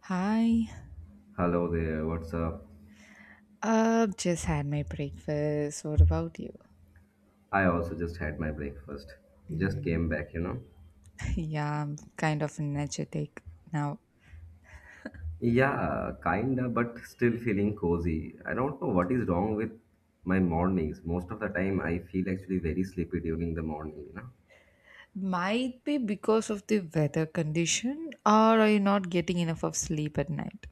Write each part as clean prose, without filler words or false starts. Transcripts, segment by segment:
Hi. Hello there, what's up? Just had my breakfast. What about you? I also just had my breakfast. Just came Mm, back. yeah, I'm kind of energetic now. Yeah, kinda, but still feeling cozy. I don't know what is wrong with my mornings. Most of the time, I feel actually very sleepy during the morning. Might be because of the weather condition, or are you not getting enough of sleep at night?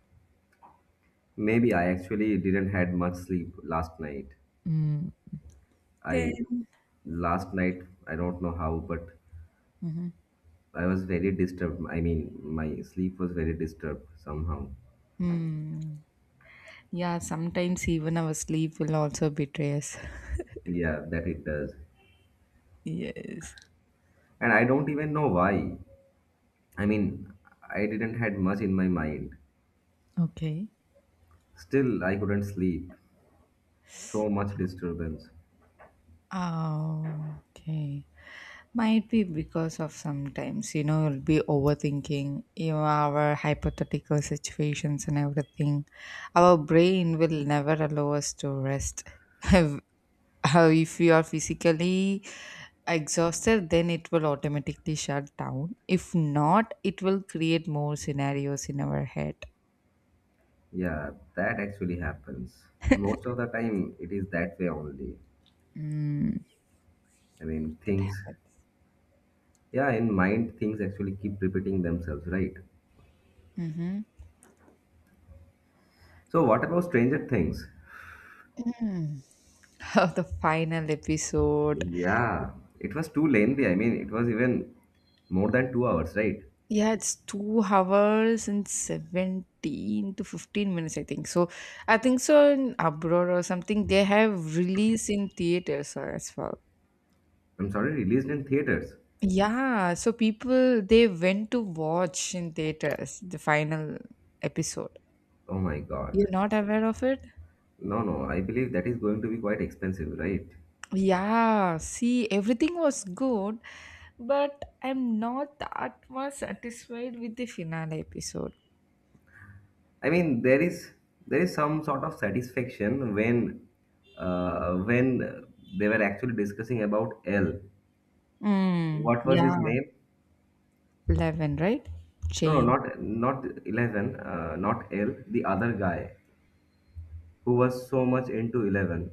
Maybe I actually didn't had much sleep last night. Mm. Then. I last night, I don't know how, but Mhm. I was very disturbed. I mean, my sleep was very disturbed somehow. Mm. Yeah, sometimes even our sleep will also betray us. Yeah, that it does. Yes. And I don't even know why. I mean, I didn't had much in my mind. Okay. Still, I couldn't sleep. So much disturbance. Oh, okay. Might be because of sometimes, you'll be overthinking, our hypothetical situations and everything. Our brain will never allow us to rest. If if you are physically exhausted, then it will automatically shut down. If not, it will create more scenarios in our head. Yeah, that actually happens. Most of the time, it is that way only. Mm, I mean, that things. happens. Yeah, in mind, things actually keep repeating themselves, right? So, what about Stranger Things? Of the final episode. Yeah, it was too lengthy. I mean, it was even more than 2 hours, right? Yeah, it's 2 hours and 17 to 15 minutes, I think. So, I think so in abroad or something, they have release in theaters as well. I'm sorry, released in theaters. Yeah, so people they went to watch in theaters the final episode. Oh my god. You're not aware of it? No, no, I believe that is going to be quite expensive, right? Yeah, see, everything was good, but I'm not that much satisfied with the finale episode. I mean, there is some sort of satisfaction when they were actually discussing about L. Mm, What was his yeah, name? 11, right? No, no, Jane, not Eleven, not L. The other guy who was so much into Eleven.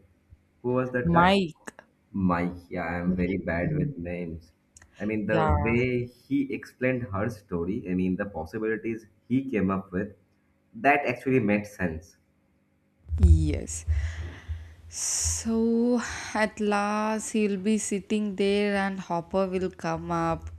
Who was that guy? Mike. Mike. Yeah, I am very bad Mm, with names. I mean, the yeah. way he explained her story. I mean, the possibilities he came up with. That actually made sense. Yes. So at last he'll be sitting there and Hopper will come up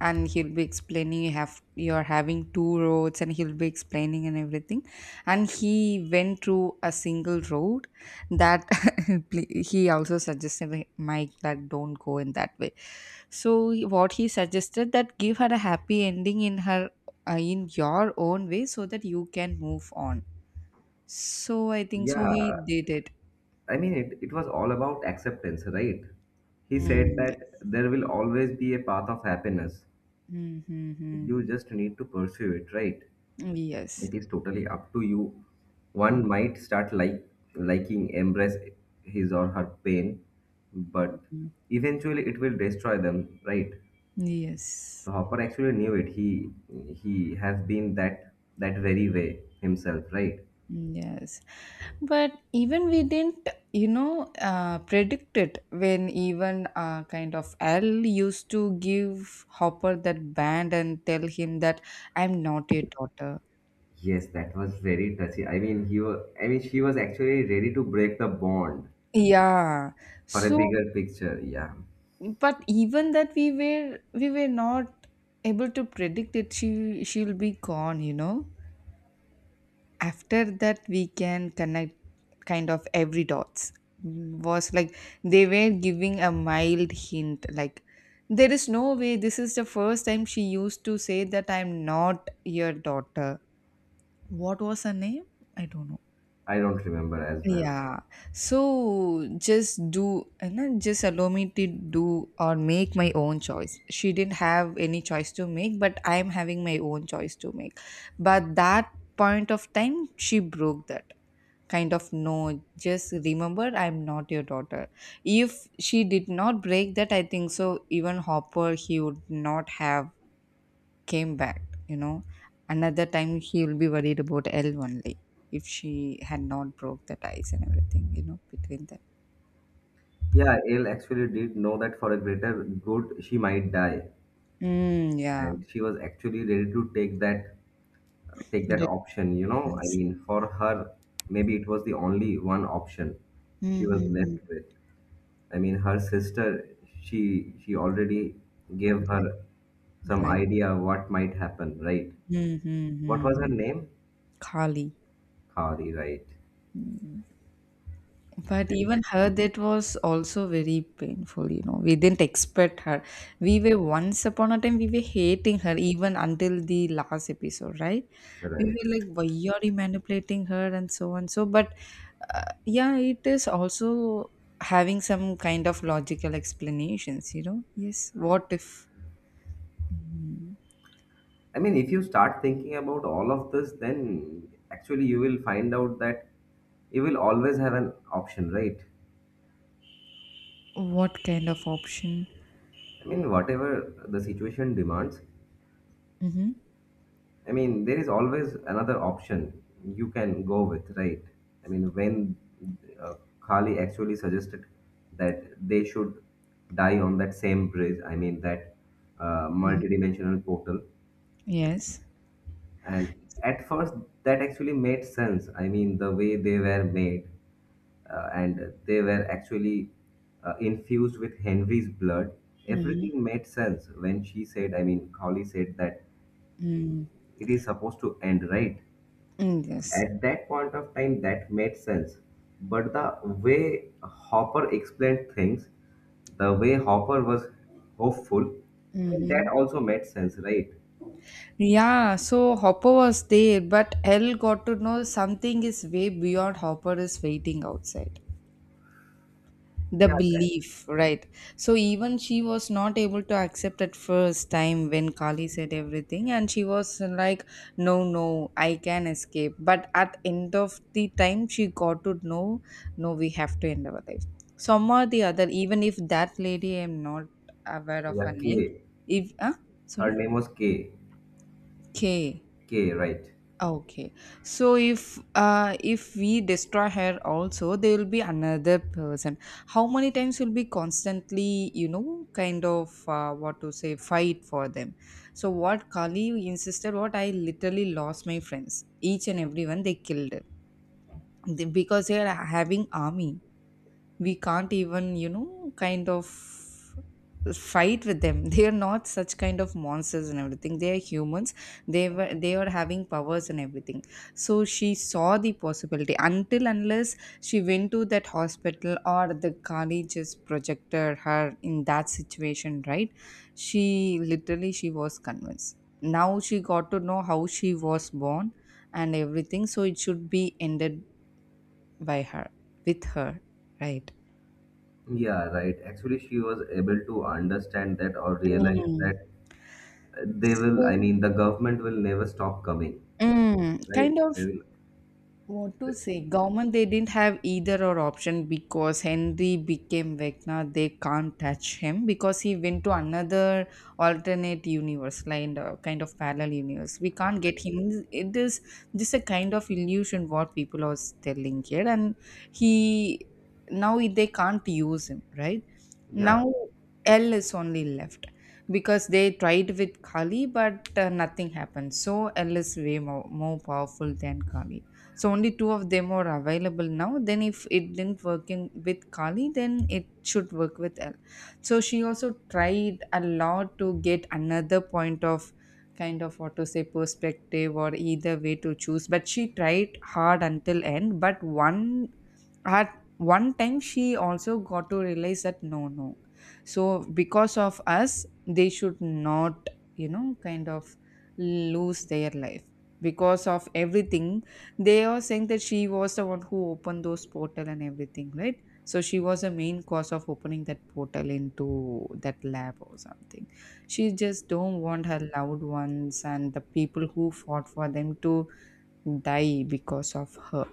and he'll be explaining you have you're having two roads and he'll be explaining and everything. And he went through a single road that he also suggested Mike that don't go in that way. So what he suggested that give her a happy ending in her in your own way so that you can move on. So I think so he Yeah, did it. I mean, it was all about acceptance, right? He said Mm, that yes. there will always be a path of happiness. Mm-hmm. You just need to pursue it, right? Yes. It is totally up to you. One might start like liking, embrace his or her pain, but Mhm. eventually it will destroy them, right? Yes. So Hopper actually knew it. He has been that very way himself, right? Yes. But even we didn't, predict it when even kind of L used to give Hopper that band and tell him that I'm not your daughter. Yes, that was very touchy. I mean, he was, I mean, she was actually ready to break the bond. Yeah. For a So, bigger picture. Yeah, but even that we were not able to predict it. She'll be gone. After that we can connect kind of every dots. Mm, was like they were giving a mild hint like there is no way. This is the first time she used to say that I'm not your daughter. What was her name? I don't know. I don't remember as well. Yeah. So just do and then just allow me to do or make my own choice. She didn't have any choice to make, but I am having my own choice to make. But that point of time she broke that kind of no. Just remember, I'm not your daughter. If she did not break that, I think so even Hopper he would not have came back, you know. Another time he'll be worried about L only if she had not broke that ice and everything, between them. Yeah, Elle actually did know that for a greater good she might die, Mm, yeah. and she was actually ready to take that option. You know, I Difference. mean, for her, maybe it was the only one option she was Mm-hmm. left with. I mean, her sister, she she already gave Right. her some Right. idea what might happen, right? What was her Mm-hmm. name? Kali. Kari, right? Mm. But And even her, that was also very painful. We didn't expect her. We were once upon a time, we were hating her even until the last episode, right? We right. were like, why are you manipulating her and so on. So, but yeah, it is also having some kind of logical explanations. Yes, what if. Mm, I mean, if you start thinking about all of this, then actually you will find out that you will always have an option, right? what kind of option? I mean, whatever the situation demands, Mm-hmm. I mean, there is always another option you can go with, right? I mean, when uh, Kali actually suggested that they should die on that same bridge, I mean, that multidimensional portal, Yes. and at first that actually made sense. I mean, the way they were made and they were actually infused with Henry's blood. Everything made sense when she said, I mean, Holly said that Mm. it is supposed to end, right? Mm, yes. At that point of time, that made sense. But the way Hopper explained things, the way Hopper was hopeful, I mean, Mm-hmm. that also made sense, right? Yeah, so Hopper was there, but Elle got to know something is way beyond. Hopper is waiting outside. The Yeah, that, belief, right? So even she was not able to accept at first time when Kali said everything, and she was like, "No, no, I can escape." But at end of the time, she got to know, "No, we have to end our life." Some or the other, even if that lady, I'm not aware of yeah, her name. K. If Her sorry, name was K. K. K, right? Okay. So if we destroy her also, there will be another person. How many times will be constantly, kind of what to say, fight for them. So what Kali insisted, what I literally lost my friends. Each and everyone they killed. Because they are having army we can't even kind of fight with them. They are not such kind of monsters and everything, they are humans. They are having powers and everything. So she saw the possibility until unless she went to that hospital or the Kali just projected her in that situation, right? She was convinced. Now she got to know how she was born and everything, so it should be ended by her, with her, right? Yeah, right. Actually, she was able to understand that or realize Mm. that they will, So, I mean, the government will never stop coming, right? kind They of will, what to say government they didn't have either or option because Henry became Vecna. They can't touch him because he went to another alternate universe like kind of parallel universe. We can't get they- him. It is just a kind of illusion what people are telling here, and he, now they can't use him, right? yeah, Now L is only left because they tried with Kali, but nothing happened. So L is way more, more powerful than Kali. So only two of them are available now. Then if it didn't work in with Kali, then it should work with L. So she also tried a lot to get another point of kind of what to say perspective or either way to choose, but she tried hard until end. But one at one time she also got to realize that no, no, so because of us they should not kind of lose their life, because of everything they are saying that she was the one who opened those portal and everything, right? So she was a main cause of opening that portal into that lab or something. She just don't want her loved ones and the people who fought for them to die because of her.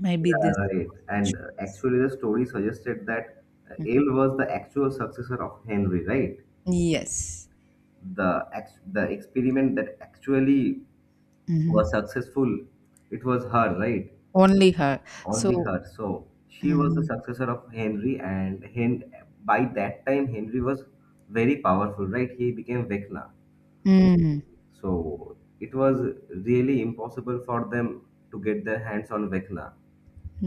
Maybe this yeah, right. was a And choice. actually, the story suggested that Mhm. Ale was the actual successor of Henry, right? Yes. The the experiment that actually was Mhm. successful, it was her, right? Only her. Only So, her. So she was the mm, successor of Henry, by that time Henry was very powerful, right? He became Vecna. mm, So it was really impossible for them to get their hands on Vecna.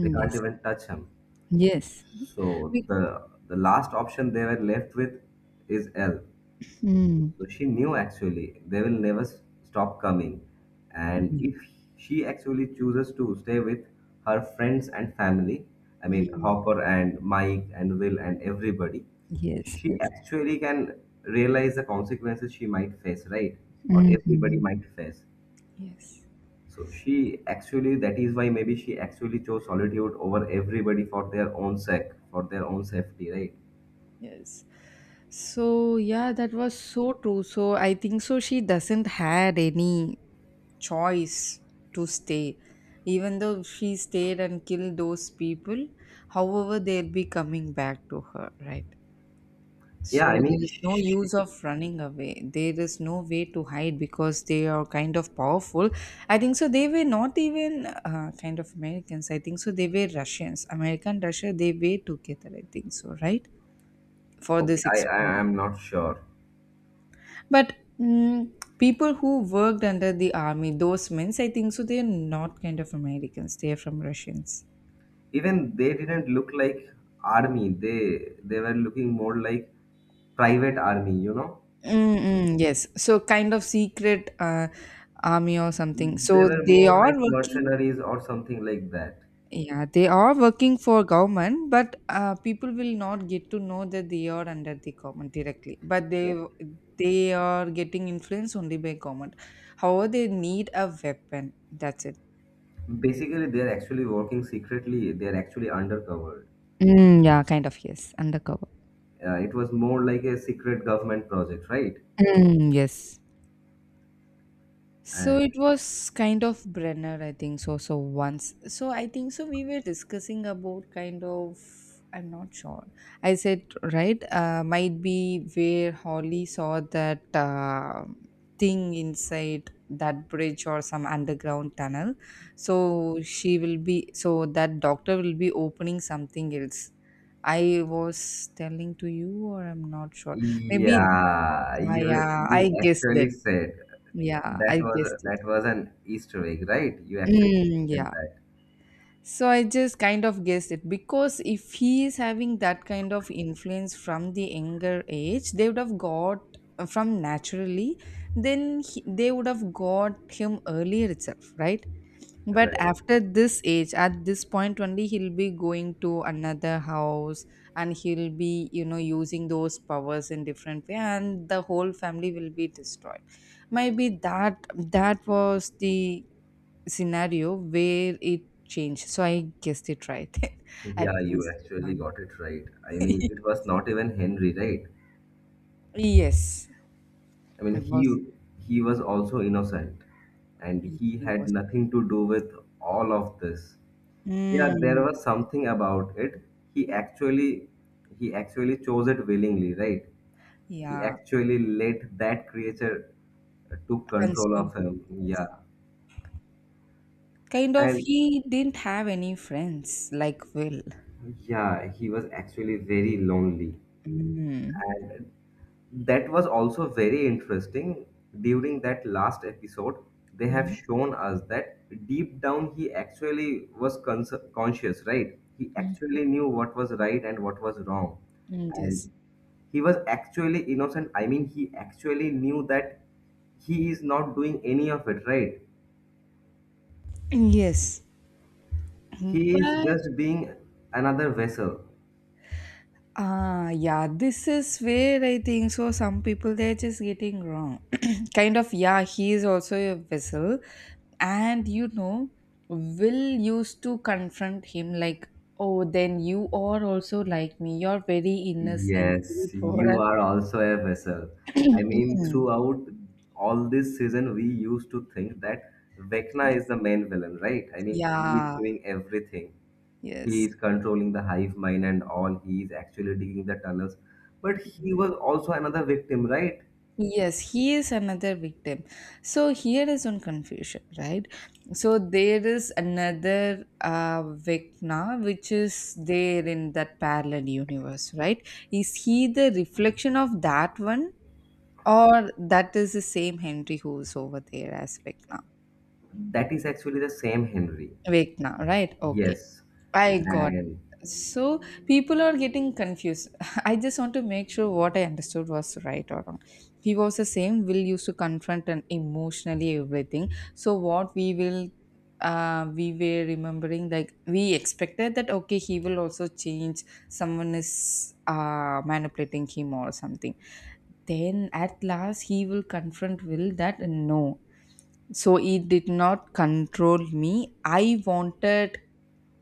They can't yes, even touch him. yes. So We- the last option they were left with is L. mm, So she knew actually they will never stop coming. And yeah, if she actually chooses to stay with her friends and family, I mean mm, Hopper and Mike and Will and everybody, yes, she yes. actually can realize the consequences she might face, right? Or everybody Mhm. might face. Yes, So she actually, that is why maybe she actually chose solitude over everybody for their own sake, for their own safety, right? yes. So, yeah, that was so true. So, I think so she doesn't had any choice to stay. Even though she stayed and killed those people, however, they'll be coming back to her, right? Yeah, I So mean, there is no she, use of running away. There is no way to hide because they are kind of powerful. I think so. They were not even kind of Americans. I think so. They were Russians. American Russia. They were together. I think so. Right, for okay, this I experiment. am not sure. But people who worked under the army, those men, I think so. They are not kind of Americans. They are from Russians. Even they didn't look like army. They were looking more like private army. You know, Mm-mm, yes. So kind of secret army or something. they So were they more are like working. mercenaries or something like that. Yeah, they are working for government, but people will not get to know that they are under the government directly. But Yeah. they are getting influenced only by government. However, they need a weapon. That's it. Basically, they are actually working secretly. They are actually undercover. Mm, yeah, kind of yes, undercover. It was more like a secret government project, right? Mm, yes. So it And was kind of Brenner, I think so. So I think so. We were discussing about kind of. I'm not sure. I said right. Might be where Holly saw that thing inside that bridge or some underground tunnel. So she will be. So that doctor will be opening something else. I was telling to you, or I'm not sure. Maybe. Yeah, you Yeah, you I guessed actually it. said Yeah, that I was guessed it. that was an Easter egg, right? You actually Mm, mentioned yeah. that, So I just kind of guessed it because if he is having that kind of influence from the younger age, they would have got from naturally, then they would have got him earlier itself, right? But right? after this age, at this point only, he'll be going to another house and he'll be, using those powers in different way, and the whole family will be destroyed. Maybe that was the scenario where it changed. So I guessed it right. At Yeah, you least actually one. got it right. I mean, it was not even Henry, right? Yes, I mean, it he was. he was also innocent, and He he he had was. nothing to do with all of this. Yeah, there Mm, was something about it. He actually he actually chose it willingly, right? He yeah, actually let that creature took control consumed. of him. Yeah. Yes. Kind of, And he didn't have any friends like Will. yeah, he was actually very lonely. Mm. And that was also very interesting. During that last episode, they have Mm, shown us that deep down he actually was conscious, right? He mm, actually knew what was right and what was wrong. mm, yes. And he was actually innocent. I mean, he actually knew that he is not doing any of it, right? Yes. He is But just being another vessel. Yeah, this is where I think so. Some people they're just getting wrong. Kind of, yeah, he is also a vessel, and Will used to confront him like, "Oh, then you are also like me, you're very innocent, very Yes, poor." you are also a vessel. I mean, throughout all this season, we used to think that Vecna is the main villain, right? I mean, he is Yeah, doing everything. He yes. is controlling the hive mind and all. He is actually digging the tunnels. But he was also another victim, right? Yes, he is another victim. So here is one confusion, right? So there is another Vecna which is there in that parallel universe, right? Is he the reflection of that one, or that is the same Henry who is over there as Vecna? That is actually the same Henry. Vecna, right? Okay. Yes. I got. And So people are getting confused. I just want to make sure what I understood was right or wrong. He was the same. Will used to confront and emotionally everything. So what we were remembering like we expected that okay he will also change. Someone is manipulating him or something. Then at last he will confront Will that no, so it did not control me, I wanted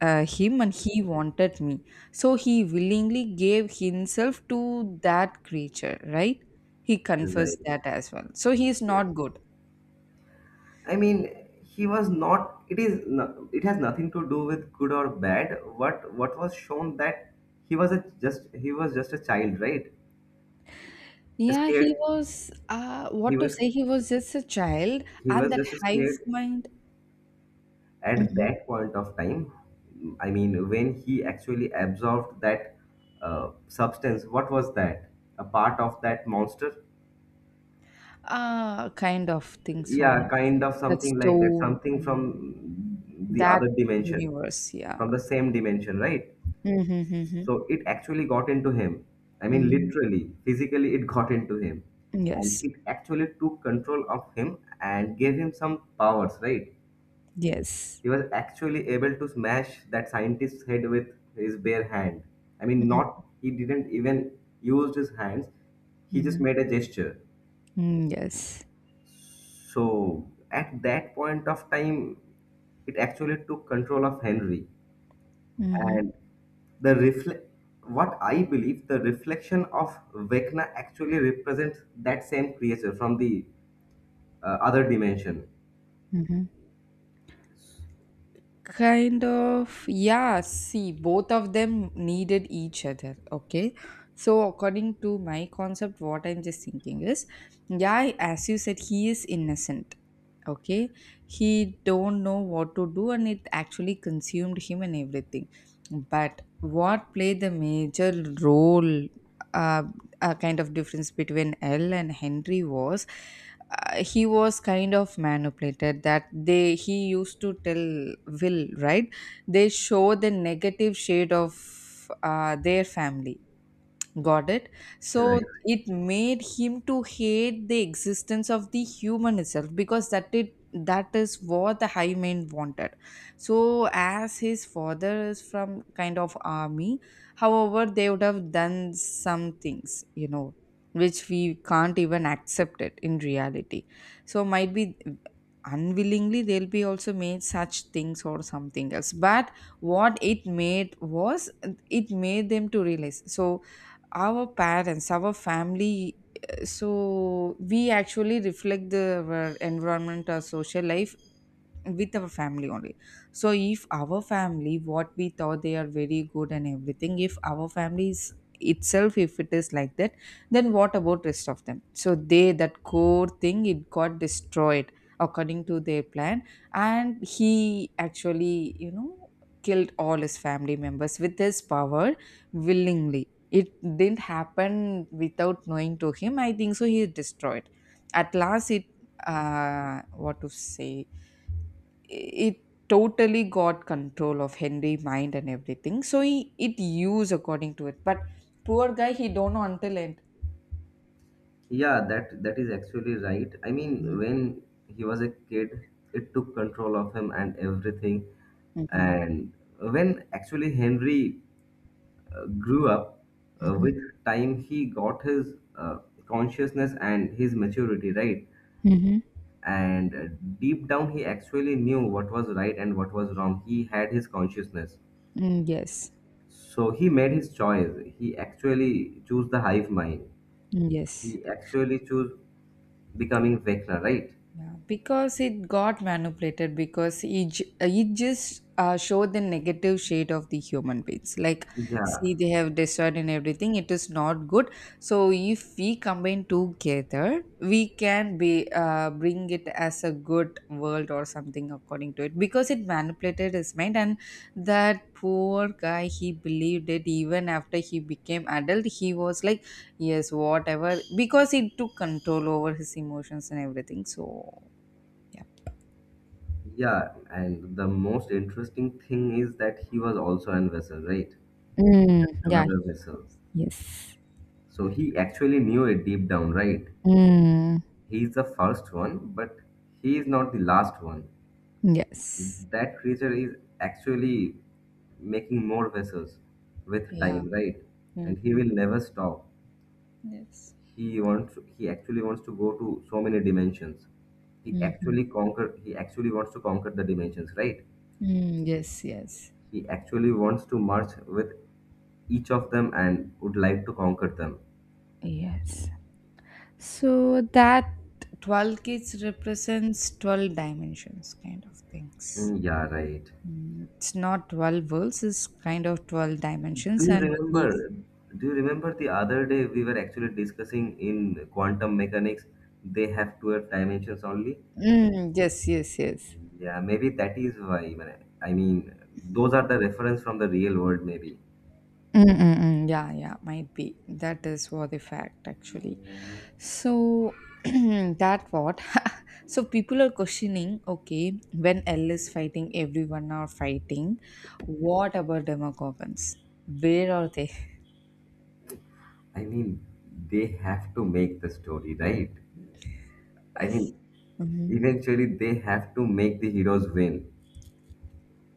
him and he wanted me. So he willingly gave himself to that creature, right? He confessed right. that as well, so he is Yes. not good. I mean, he was not. It is. No, it has nothing to do with good or bad. What was shown that he was just a child, right? A Yeah, he scared. was, He what to was say, he was just a child. he And was that just hive scared mind. at Mhm. that point of time. I mean, when he actually absorbed that substance, what was that? A part of that monster? Kind of thing, so Yeah, yes. kind of That something like that. stone, Something from the that other dimension, universe, yeah. from the same dimension, right? Mm-hmm, mm-hmm, So it actually got into him. I mean, mm-hmm. literally, physically, it got into him. And Yes, it actually took control of him and gave him some powers, right? yes. He was actually able to smash that scientist's head with his bare hand. I mean, Mhm, not, he didn't even use his hands, he just mhm. made a gesture. Mm, yes. So at that point of time, it actually took control of Henry. Mhm, And the reflect what I believe, the reflection of Vecna actually represents that same creature from the other dimension, mhm. Kind of, yeah, see, both of them needed each other. Okay. So, according to my concept, what I'm just thinking is, yeah, as you said, he is innocent. Okay, he don't know what to do, and it actually consumed him and everything. But what played the major role, uh, a kind of difference between L and Henry was, he was kind of manipulated that they he used to tell Will, right? They show the negative shade of their family. Got it? So right? it made him to hate the existence of the human itself, because that is what the high man wanted. So as his father is from kind of army, however, they would have done some things, which we can't even accept it in reality. So might be unwillingly they'll be also made such things or something else. But what it made was, it made them to realize. So our parents, our family, so we actually reflect the our environment or social life with our family only. So if our family, what we thought they are very good and everything, if our family is itself, if it is like that, then what about rest of them? So they, that core thing, it got destroyed, according to their plan. And he actually killed all his family members with his power, willingly. It didn't happen without knowing to him, I think so. He destroyed at last. It uh what to say it totally got control of Henry mind and everything. So he it used according to it. But poor guy, he don't know until end. Yeah, that is actually right. I mean, when he was a kid, it took control of him and everything. Mm-hmm. And when actually Henry grew up Mm-hmm. with time, he got his consciousness and his maturity, right? Mm-hmm. And deep down he actually knew what was right and what was wrong. He had his consciousness. Yes. So he made his choice. He actually chose the hive mind. Yes. He actually chose becoming Vecna, right? Yeah, because it got manipulated, because it just showed the negative shade of the human beings. Like, Yeah, see, they have destroyed and everything. It is not good. So if we combine together, we can be, bring it as a good world or something according to it. Because it manipulated his mind, and that poor guy, he believed it even after he became adult. He was like, yes, whatever, because he took control over his emotions and everything. So, yeah. yeah. And the most interesting thing is that he was also an vessel, right? Mm, Just yeah, another vessel. yes. So he actually knew it deep down, right? Mm, He is the first one, but he is not the last one. yes. That creature is actually making more vessels with Yeah. time, right? And he Mm-hmm. will never stop. Yes. He actually wants to go to so many dimensions. He Mm-hmm. actually conquer he actually wants to conquer the dimensions, right? Mm, yes, yes. He actually wants to merge with each of them and would like to conquer them. Yes. So that 12 kids represents 12 dimensions kind of things. Mm, yeah, right. Mm, it's not 12 worlds, it's kind of 12 Do dimensions you and he's remember? Do you remember the other day we were actually discussing in quantum mechanics? They have 12 dimensions only. Mm, yes, yes, yes. Yeah, maybe that is why, man. I mean, those are the reference from the real world. Maybe. Mm-mm-mm. Yeah, yeah, might be. That is what the fact actually. So that what? So people are questioning. Okay, when L is fighting, everyone are fighting. What about Demogorgons? Where are they? I mean, they have to make the story right. I mean, eventually they have to make the heroes win.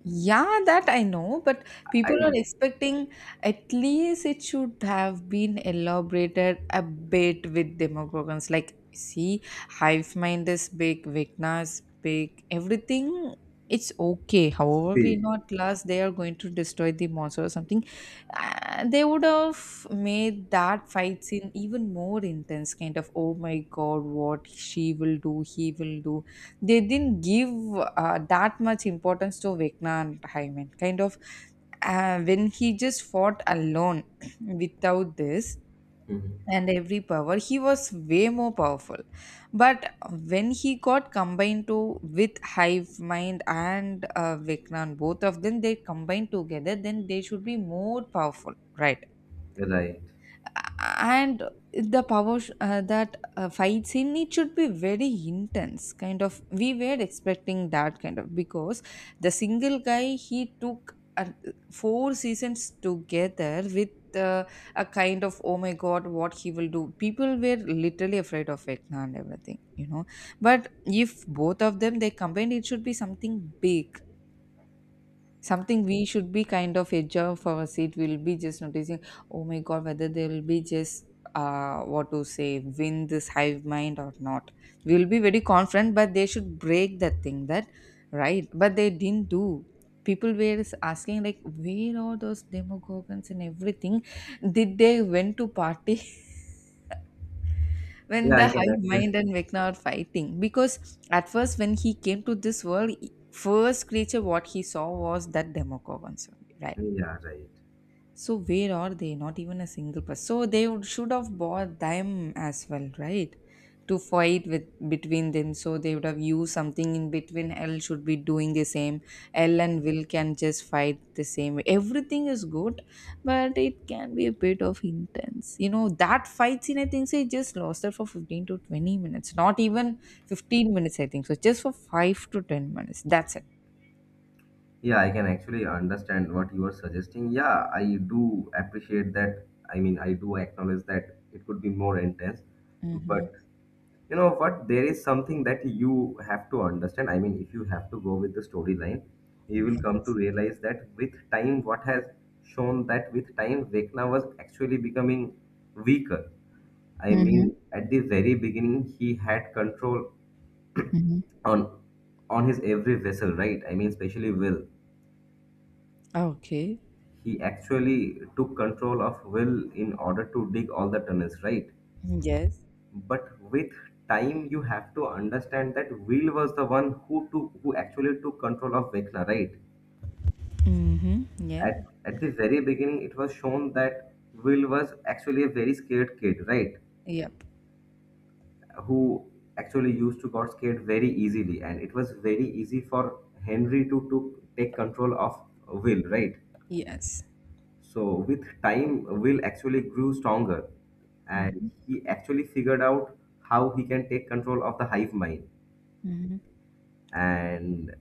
Yeah, that I know, but I people are expecting at least it should have been elaborated a bit with demographics. Like, see, hive mind is big, Vecna is big, everything. It's okay. However, we see. not last, they are going to destroy the monster or something. They would have made that fight scene even more intense, kind of, oh my god, what she will do, he will do. They didn't give that much importance to Vecna and Hyman. Kind of, when he just fought alone without this Mhm. and every power, he was way more powerful. But when he got combined to with Hive Mind and Vecna, both of them they combined together, then they should be more powerful, right? Right. And the that fight scene, it should be very intense, kind of we were expecting that kind of, because the single guy, he took four seasons together with uh, a kind of oh my god what he will do, people were literally afraid of Vecna and everything, but if both of them they combined, it should be something big, something we should be kind of edge of our seat, we'll be just noticing, oh my god, whether they will be just, what to say win this hive mind or not. We'll be very confident, but they should break that thing that, right? But they didn't do. People were asking, like, where are those demogorgons and everything. Did they went to party, when Yeah, the I can hive actually. mind and Vecna are fighting, because at first when he came to this world, first creature what he saw was that demogorgon. Yeah, right. So where are they? Not even a single person. So they would, should have bought them as well, right? To fight with between them. So they would have used something in between. L should be doing the same. L and Will can just fight the same way. Everything is good, but it can be a bit of intense. You know that fight scene, I think so. It just lasted for 15 to 20 minutes. Not even 15 minutes. I think so. Just for 5 to 10 minutes. That's it. Yeah, I can actually understand what you are suggesting. Yeah, I do appreciate that. I mean, I do acknowledge that it could be more intense, Mm-hmm. but you know what? There is something that you have to understand. I mean, if you have to go with the storyline, you will come to Yes. realize that with time, what has shown that with time, Vecna was actually becoming weaker. I Mm-hmm. mean, at the very beginning, he had control Mm-hmm. on on his every vessel, right? I mean, especially Will. Okay. He actually took control of Will in order to dig all the tunnels, right? Yes. But with time you have to understand that Will was the one who actually took control of Vecna, right? Mm-hmm. Yep. At the very beginning it was shown that Will was actually a very scared kid, right? Yep. Who actually used to got scared very easily and it was very easy for Henry to take control of Will, right? Yes. So with time Will actually grew stronger and Mm-hmm. he actually figured out how he can take control of the hive mind Mm-hmm. and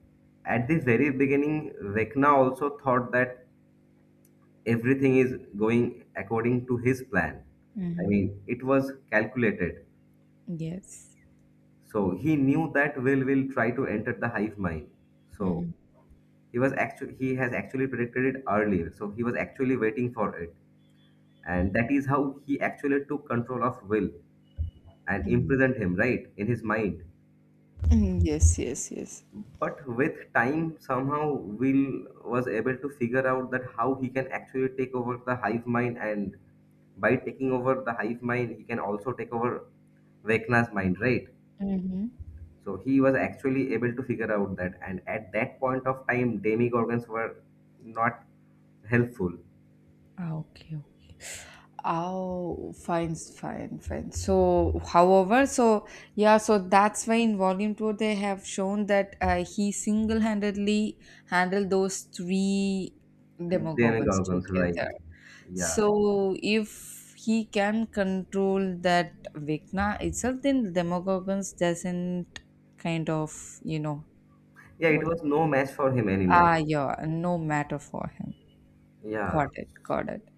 at the very beginning Vecna also thought that everything is going according to his plan. I Mm-hmm. mean, it was calculated, Yes. so he knew that Will will try to enter the hive mind, so Mm-hmm. He has actually predicted it earlier, so he was actually waiting for it. And that is how he actually took control of Will and imprisoned him right in his mind. Mm-hmm. Yes. Yes. Yes. But with time, somehow Will was able to figure out that how he can actually take over the hive mind, and by taking over the hive mind he can also take over Vecna's mind, right? Mm-hmm. So he was actually able to figure out that. And at that point of time, demigorgons were not helpful. Ah, okay. Okay. Oh, fine, fine, fine. So, however, so yeah, so that's why in volume two they have shown that he single-handedly handled those three And demogorgons demigorgons, right? together. Yeah, So if he can control that Vikna itself, then Demogorgons doesn't, kind of, yeah, it what? was no match for him anymore. Ah, yeah, no matter for him. Yeah. Got it, got it.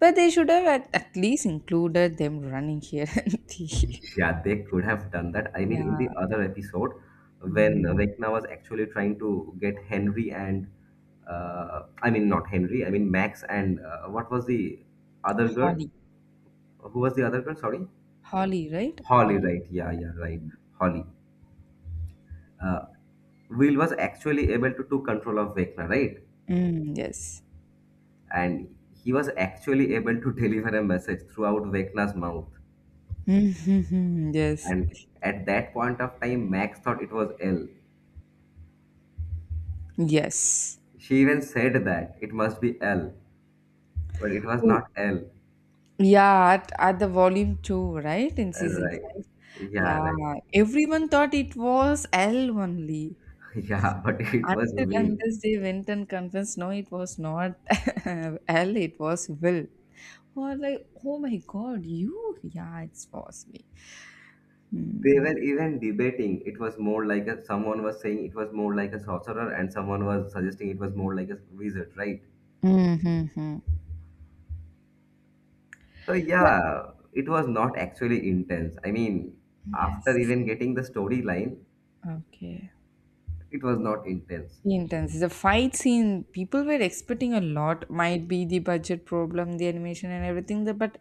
But they should have at least included them running here and the, Yeah, they could have done that. I mean, in yeah. the other episode, when Mm. Vecna was actually trying to get Henry and, I mean, not Henry, I mean, Max and what was the other girl? Holly, Who was the other girl? Sorry. Holly, right? Holly, Holly. right? Yeah, yeah, right. Holly. Uh, Will was actually able to took control of Vecna, right? Mm, yes. And he was actually able to deliver a message throughout Vecna's mouth. Mhm, yes. And at that point of time, Max thought it was L. Yes. She even said that it must be L. But it was not L. Yeah, at the volume 2, right? In season Right. 5. Yeah, Yeah, right. everyone thought it was L only. Yeah, but it was Until Will. unless they went and convinced, no, it was not L, it was Will. Or like, oh my god, you? Yeah, it was me. They were even debating. It was more like a, someone was saying it was more like a sorcerer, and someone was suggesting it was more like a wizard, right? Mm-hmm. So But yeah, it was not actually intense. I mean, after yes, even getting the storyline, okay. it was not intense. Intense. The fight scene, people were expecting a lot. Might be the budget problem, the animation and everything. But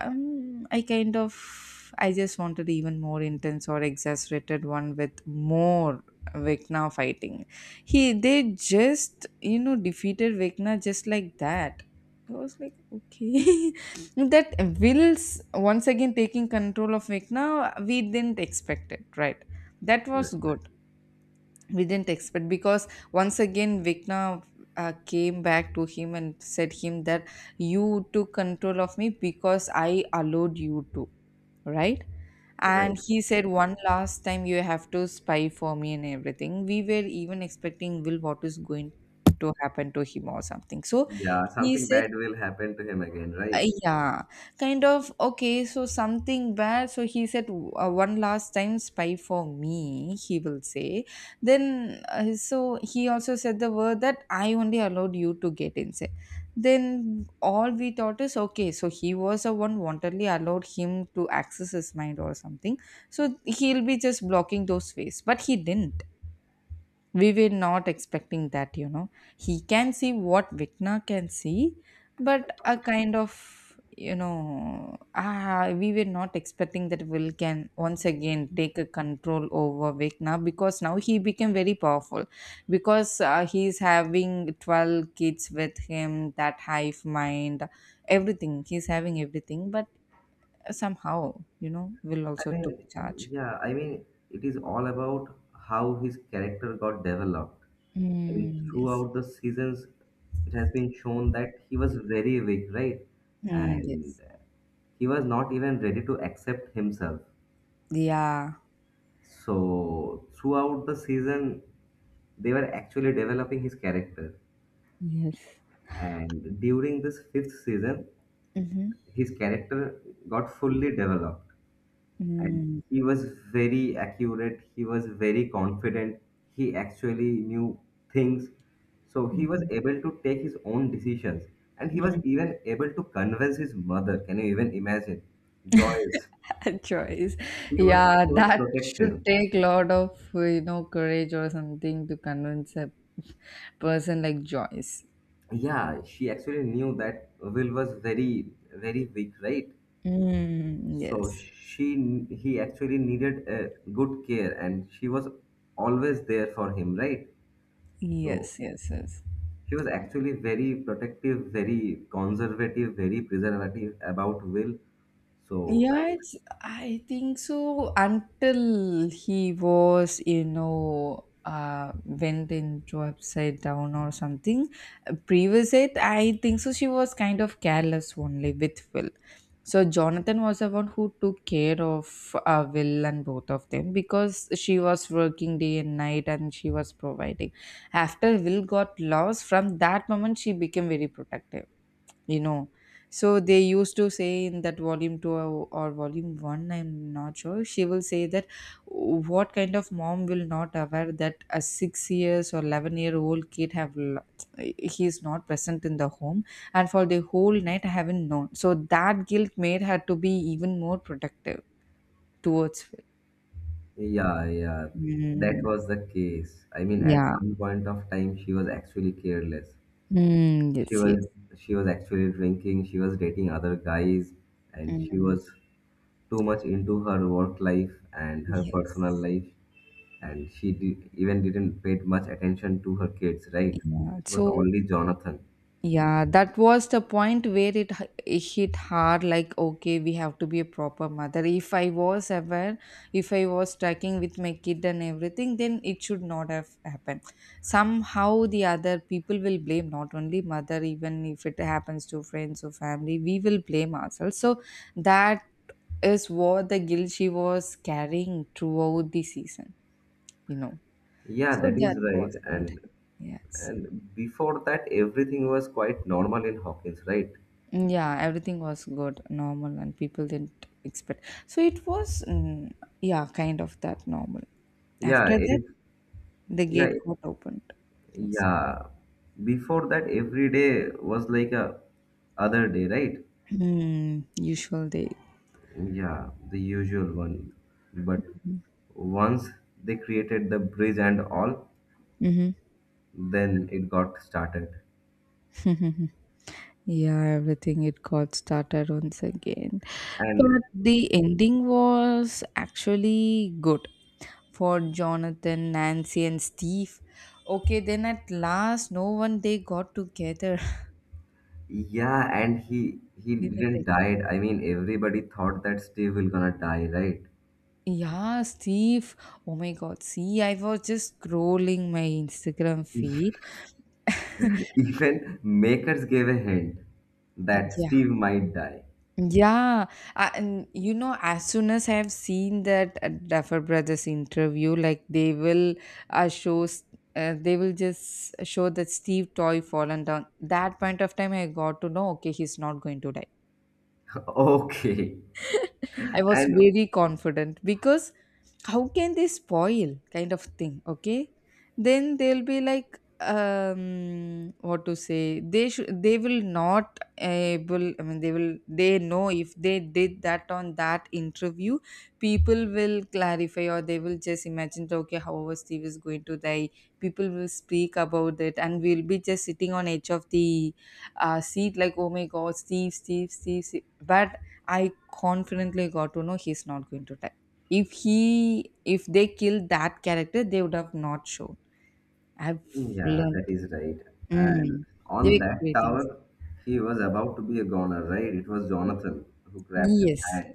I just wanted even more intense or exasperated one with more Vecna fighting. He, they just, defeated Vecna just like that. I was like, okay, that Will's once again taking control of Vecna. We didn't expect it, right? That was Right. good, we didn't expect, because once again Vikna, came back to him and said him that, you took control of me because I allowed you to, right. Right. And he said, one last time you have to spy for me and everything, we were even expecting Will what is going to happen to him or something. So Yeah, he something said, bad will happen to him again, right? yeah, kind of okay. So something bad. So he said, one last time, spy for me, he will say. Then, so he also said the word that, I only allowed you to get inside. Then all we thought is okay. So he was the one wantonly allowed him to access his mind or something. So he'll be just blocking those ways, but he didn't. We were not expecting that, he can see what Vikna can see. But a kind of, ah, we were not expecting that Will can once again take a control over Vikna, because now he became very powerful, because he's having 12 kids with him that hive mind, everything he's having everything, but somehow, Will I also took mean, charge. yeah, I mean, it is all about how his character got developed. I mean, Mm, yes. throughout the seasons, it has been shown that he was very weak, right? Mm, And yes, he was not even ready to accept himself. yeah. So, throughout the season, they were actually developing his character. Yes. And during this fifth season, Mhm. his character got fully developed and Mm, he was very accurate, he was very confident, he actually knew things, so he was mhm. able to take his own decisions. And he was Hmm. even able to convince his mother. Can you even imagine? Joyce, Choice. she was Yeah, so that should protective. take a lot of, courage or something to convince a person like Joyce. Yeah, she actually knew that Will was very, very weak, right? Mm, So yes. she he actually needed a good care and she was always there for him, right? So Yes, yes, yes. she was actually very protective, very conservative, very preservative about Will. So Yeah, I, it's, I think so, until he was, went into upside down or something. Previous it, I think so she was kind of careless only with Will. So Jonathan was the one who took care of Will and both of them, because she was working day and night and she was providing. After Will got lost, from that moment she became very protective, you know so they used to say in that volume 2 or volume 1, I'm not sure, she will say that, what kind of mom will not aware that a 6 years or 11-year-old kid have he is not present in the home, and for the whole night I haven't known. So that guilt made her to be even more protective towards Phil. yeah, yeah, that Mm, was the case. I mean, at yeah. some point of time, she was actually careless. Mm, She yes, was yes. she was actually drinking. She was dating other guys, and she Mm, was too much into her work life and her yes, personal life. And she did, even didn't pay much attention to her kids, right? yeah. It was So. only Jonathan. Yeah, that was the point where it hit hard, like, okay, we have to be a proper mother. If I was aware, if I was tracking with my kid and everything, then it should not have happened. Somehow the other people will blame not only mother, even if it happens to friends or family, we will blame ourselves. So that is what the guilt she was carrying throughout the season, you know. Yeah, So that that is right. was my And time. Yes. And before that, everything was quite normal in Hawkins, right? Mm, yeah, everything was good, normal, and people didn't expect. So it was, yeah, kind of that normal. Yeah, After that, if, the yeah, gate got opened. I think so. yeah. Before that, every day was like a other day, right? Mm, usual day. Yeah, the usual one. But once they created the bridge and all, Mm-hmm. then it got started. Yeah, everything it got started once again. And But the ending was actually good for Jonathan, Nancy, and Steve. Okay, then at last, no one they got together. yeah, and he Didn't. didn't died. I mean, everybody thought that Steve will gonna die, right? Yeah, Steve. Oh my God. See, I was just scrolling my Instagram feed. Even makers gave a hint that Yeah. Steve might die. Yeah. And as soon as I have seen that Duffer Brothers interview, like uh, show, s- they will just show that Steve Toy fallen down. That point of time, I got to know, okay, he's not going to die. Okay. I was And very confident, because how can they spoil, kind of thing, okay. Then they'll be like, what to say, they will not able. I mean they will, they know if they did that on that interview, people will clarify, or they will just imagine that, okay, however Steve is going to die, people will speak about it, and we'll be just sitting on edge of the seat, like oh my god, Steve, Steve, Steve, Steve. But I confidently got to know he's not going to die. If they killed that character, they would have not shown. I've yeah, learned. that is right. And Mm, they on were that creating. tower, he was about to be a goner, right? It was Jonathan who grabbed his Yes, hand.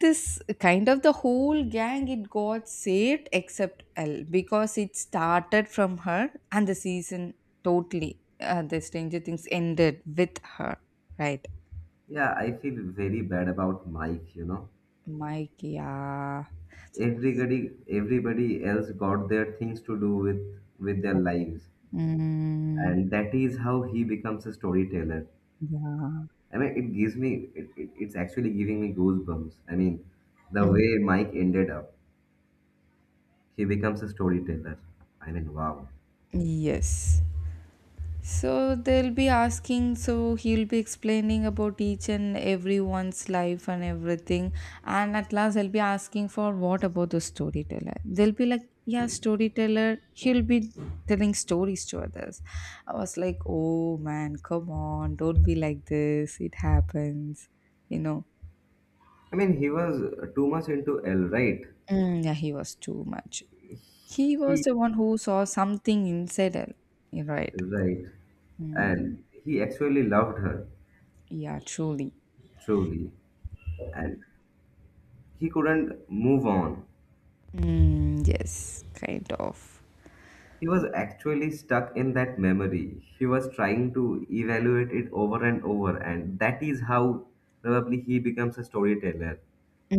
this kind of, the whole gang it got saved except L, because it started from her. And the season, totally, the Stranger Things ended with her, right? Yeah, I feel very bad about Mike, you know. Mike, yeah. Everybody everybody else got their things to do with their lives. Mm, And that is how he becomes a storyteller. yeah. I mean, it gives me, it's actually giving me goosebumps. I mean, the Mm, way Mike ended up, he becomes a storyteller. I mean, wow. yes. So they'll be asking, so he'll be explaining about each and everyone's life and everything. And at last, they'll be asking for what about the storyteller? They'll be like, yeah, storyteller, he'll be telling stories to others. I was like, oh man, come on, don't be like this. It happens, you know. I mean, he was too much into Elle, right? Mm, yeah, he was too much. He was He- the one who saw something inside her, right? Right. Mm, And he actually loved her, yeah, truly. truly. And he couldn't move on. Mm, yes, kind of. He was actually stuck in that memory. He was trying to evaluate it over and over, and that is how probably he becomes a storyteller.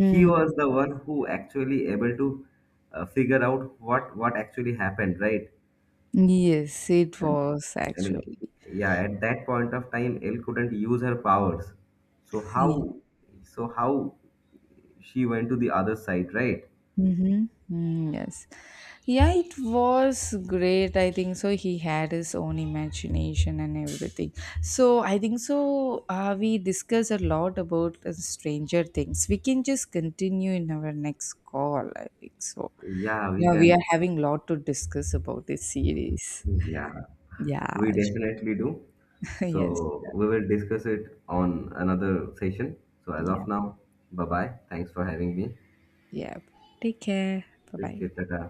He was the one who actually able to figure out what actually happened, right? yes, it And was I mean, actually. yeah, at that point of time, Elle couldn't use her powers. So See. how, so how she went to the other side, right? Mm-hmm. Mm, yes. Yeah, it was great. I think so. He had his own imagination and everything. So I think so. We discussed a lot about Stranger Things. We can just continue in our next call. I think so. Yeah, we Yeah, we are can. having a lot to discuss about this series. Yeah. Yeah. We definitely do. Yes. So we will discuss it on another session. So as Yeah. of now, bye bye. Thanks for having me. Yeah. Take care. Bye Take bye. care. Tata.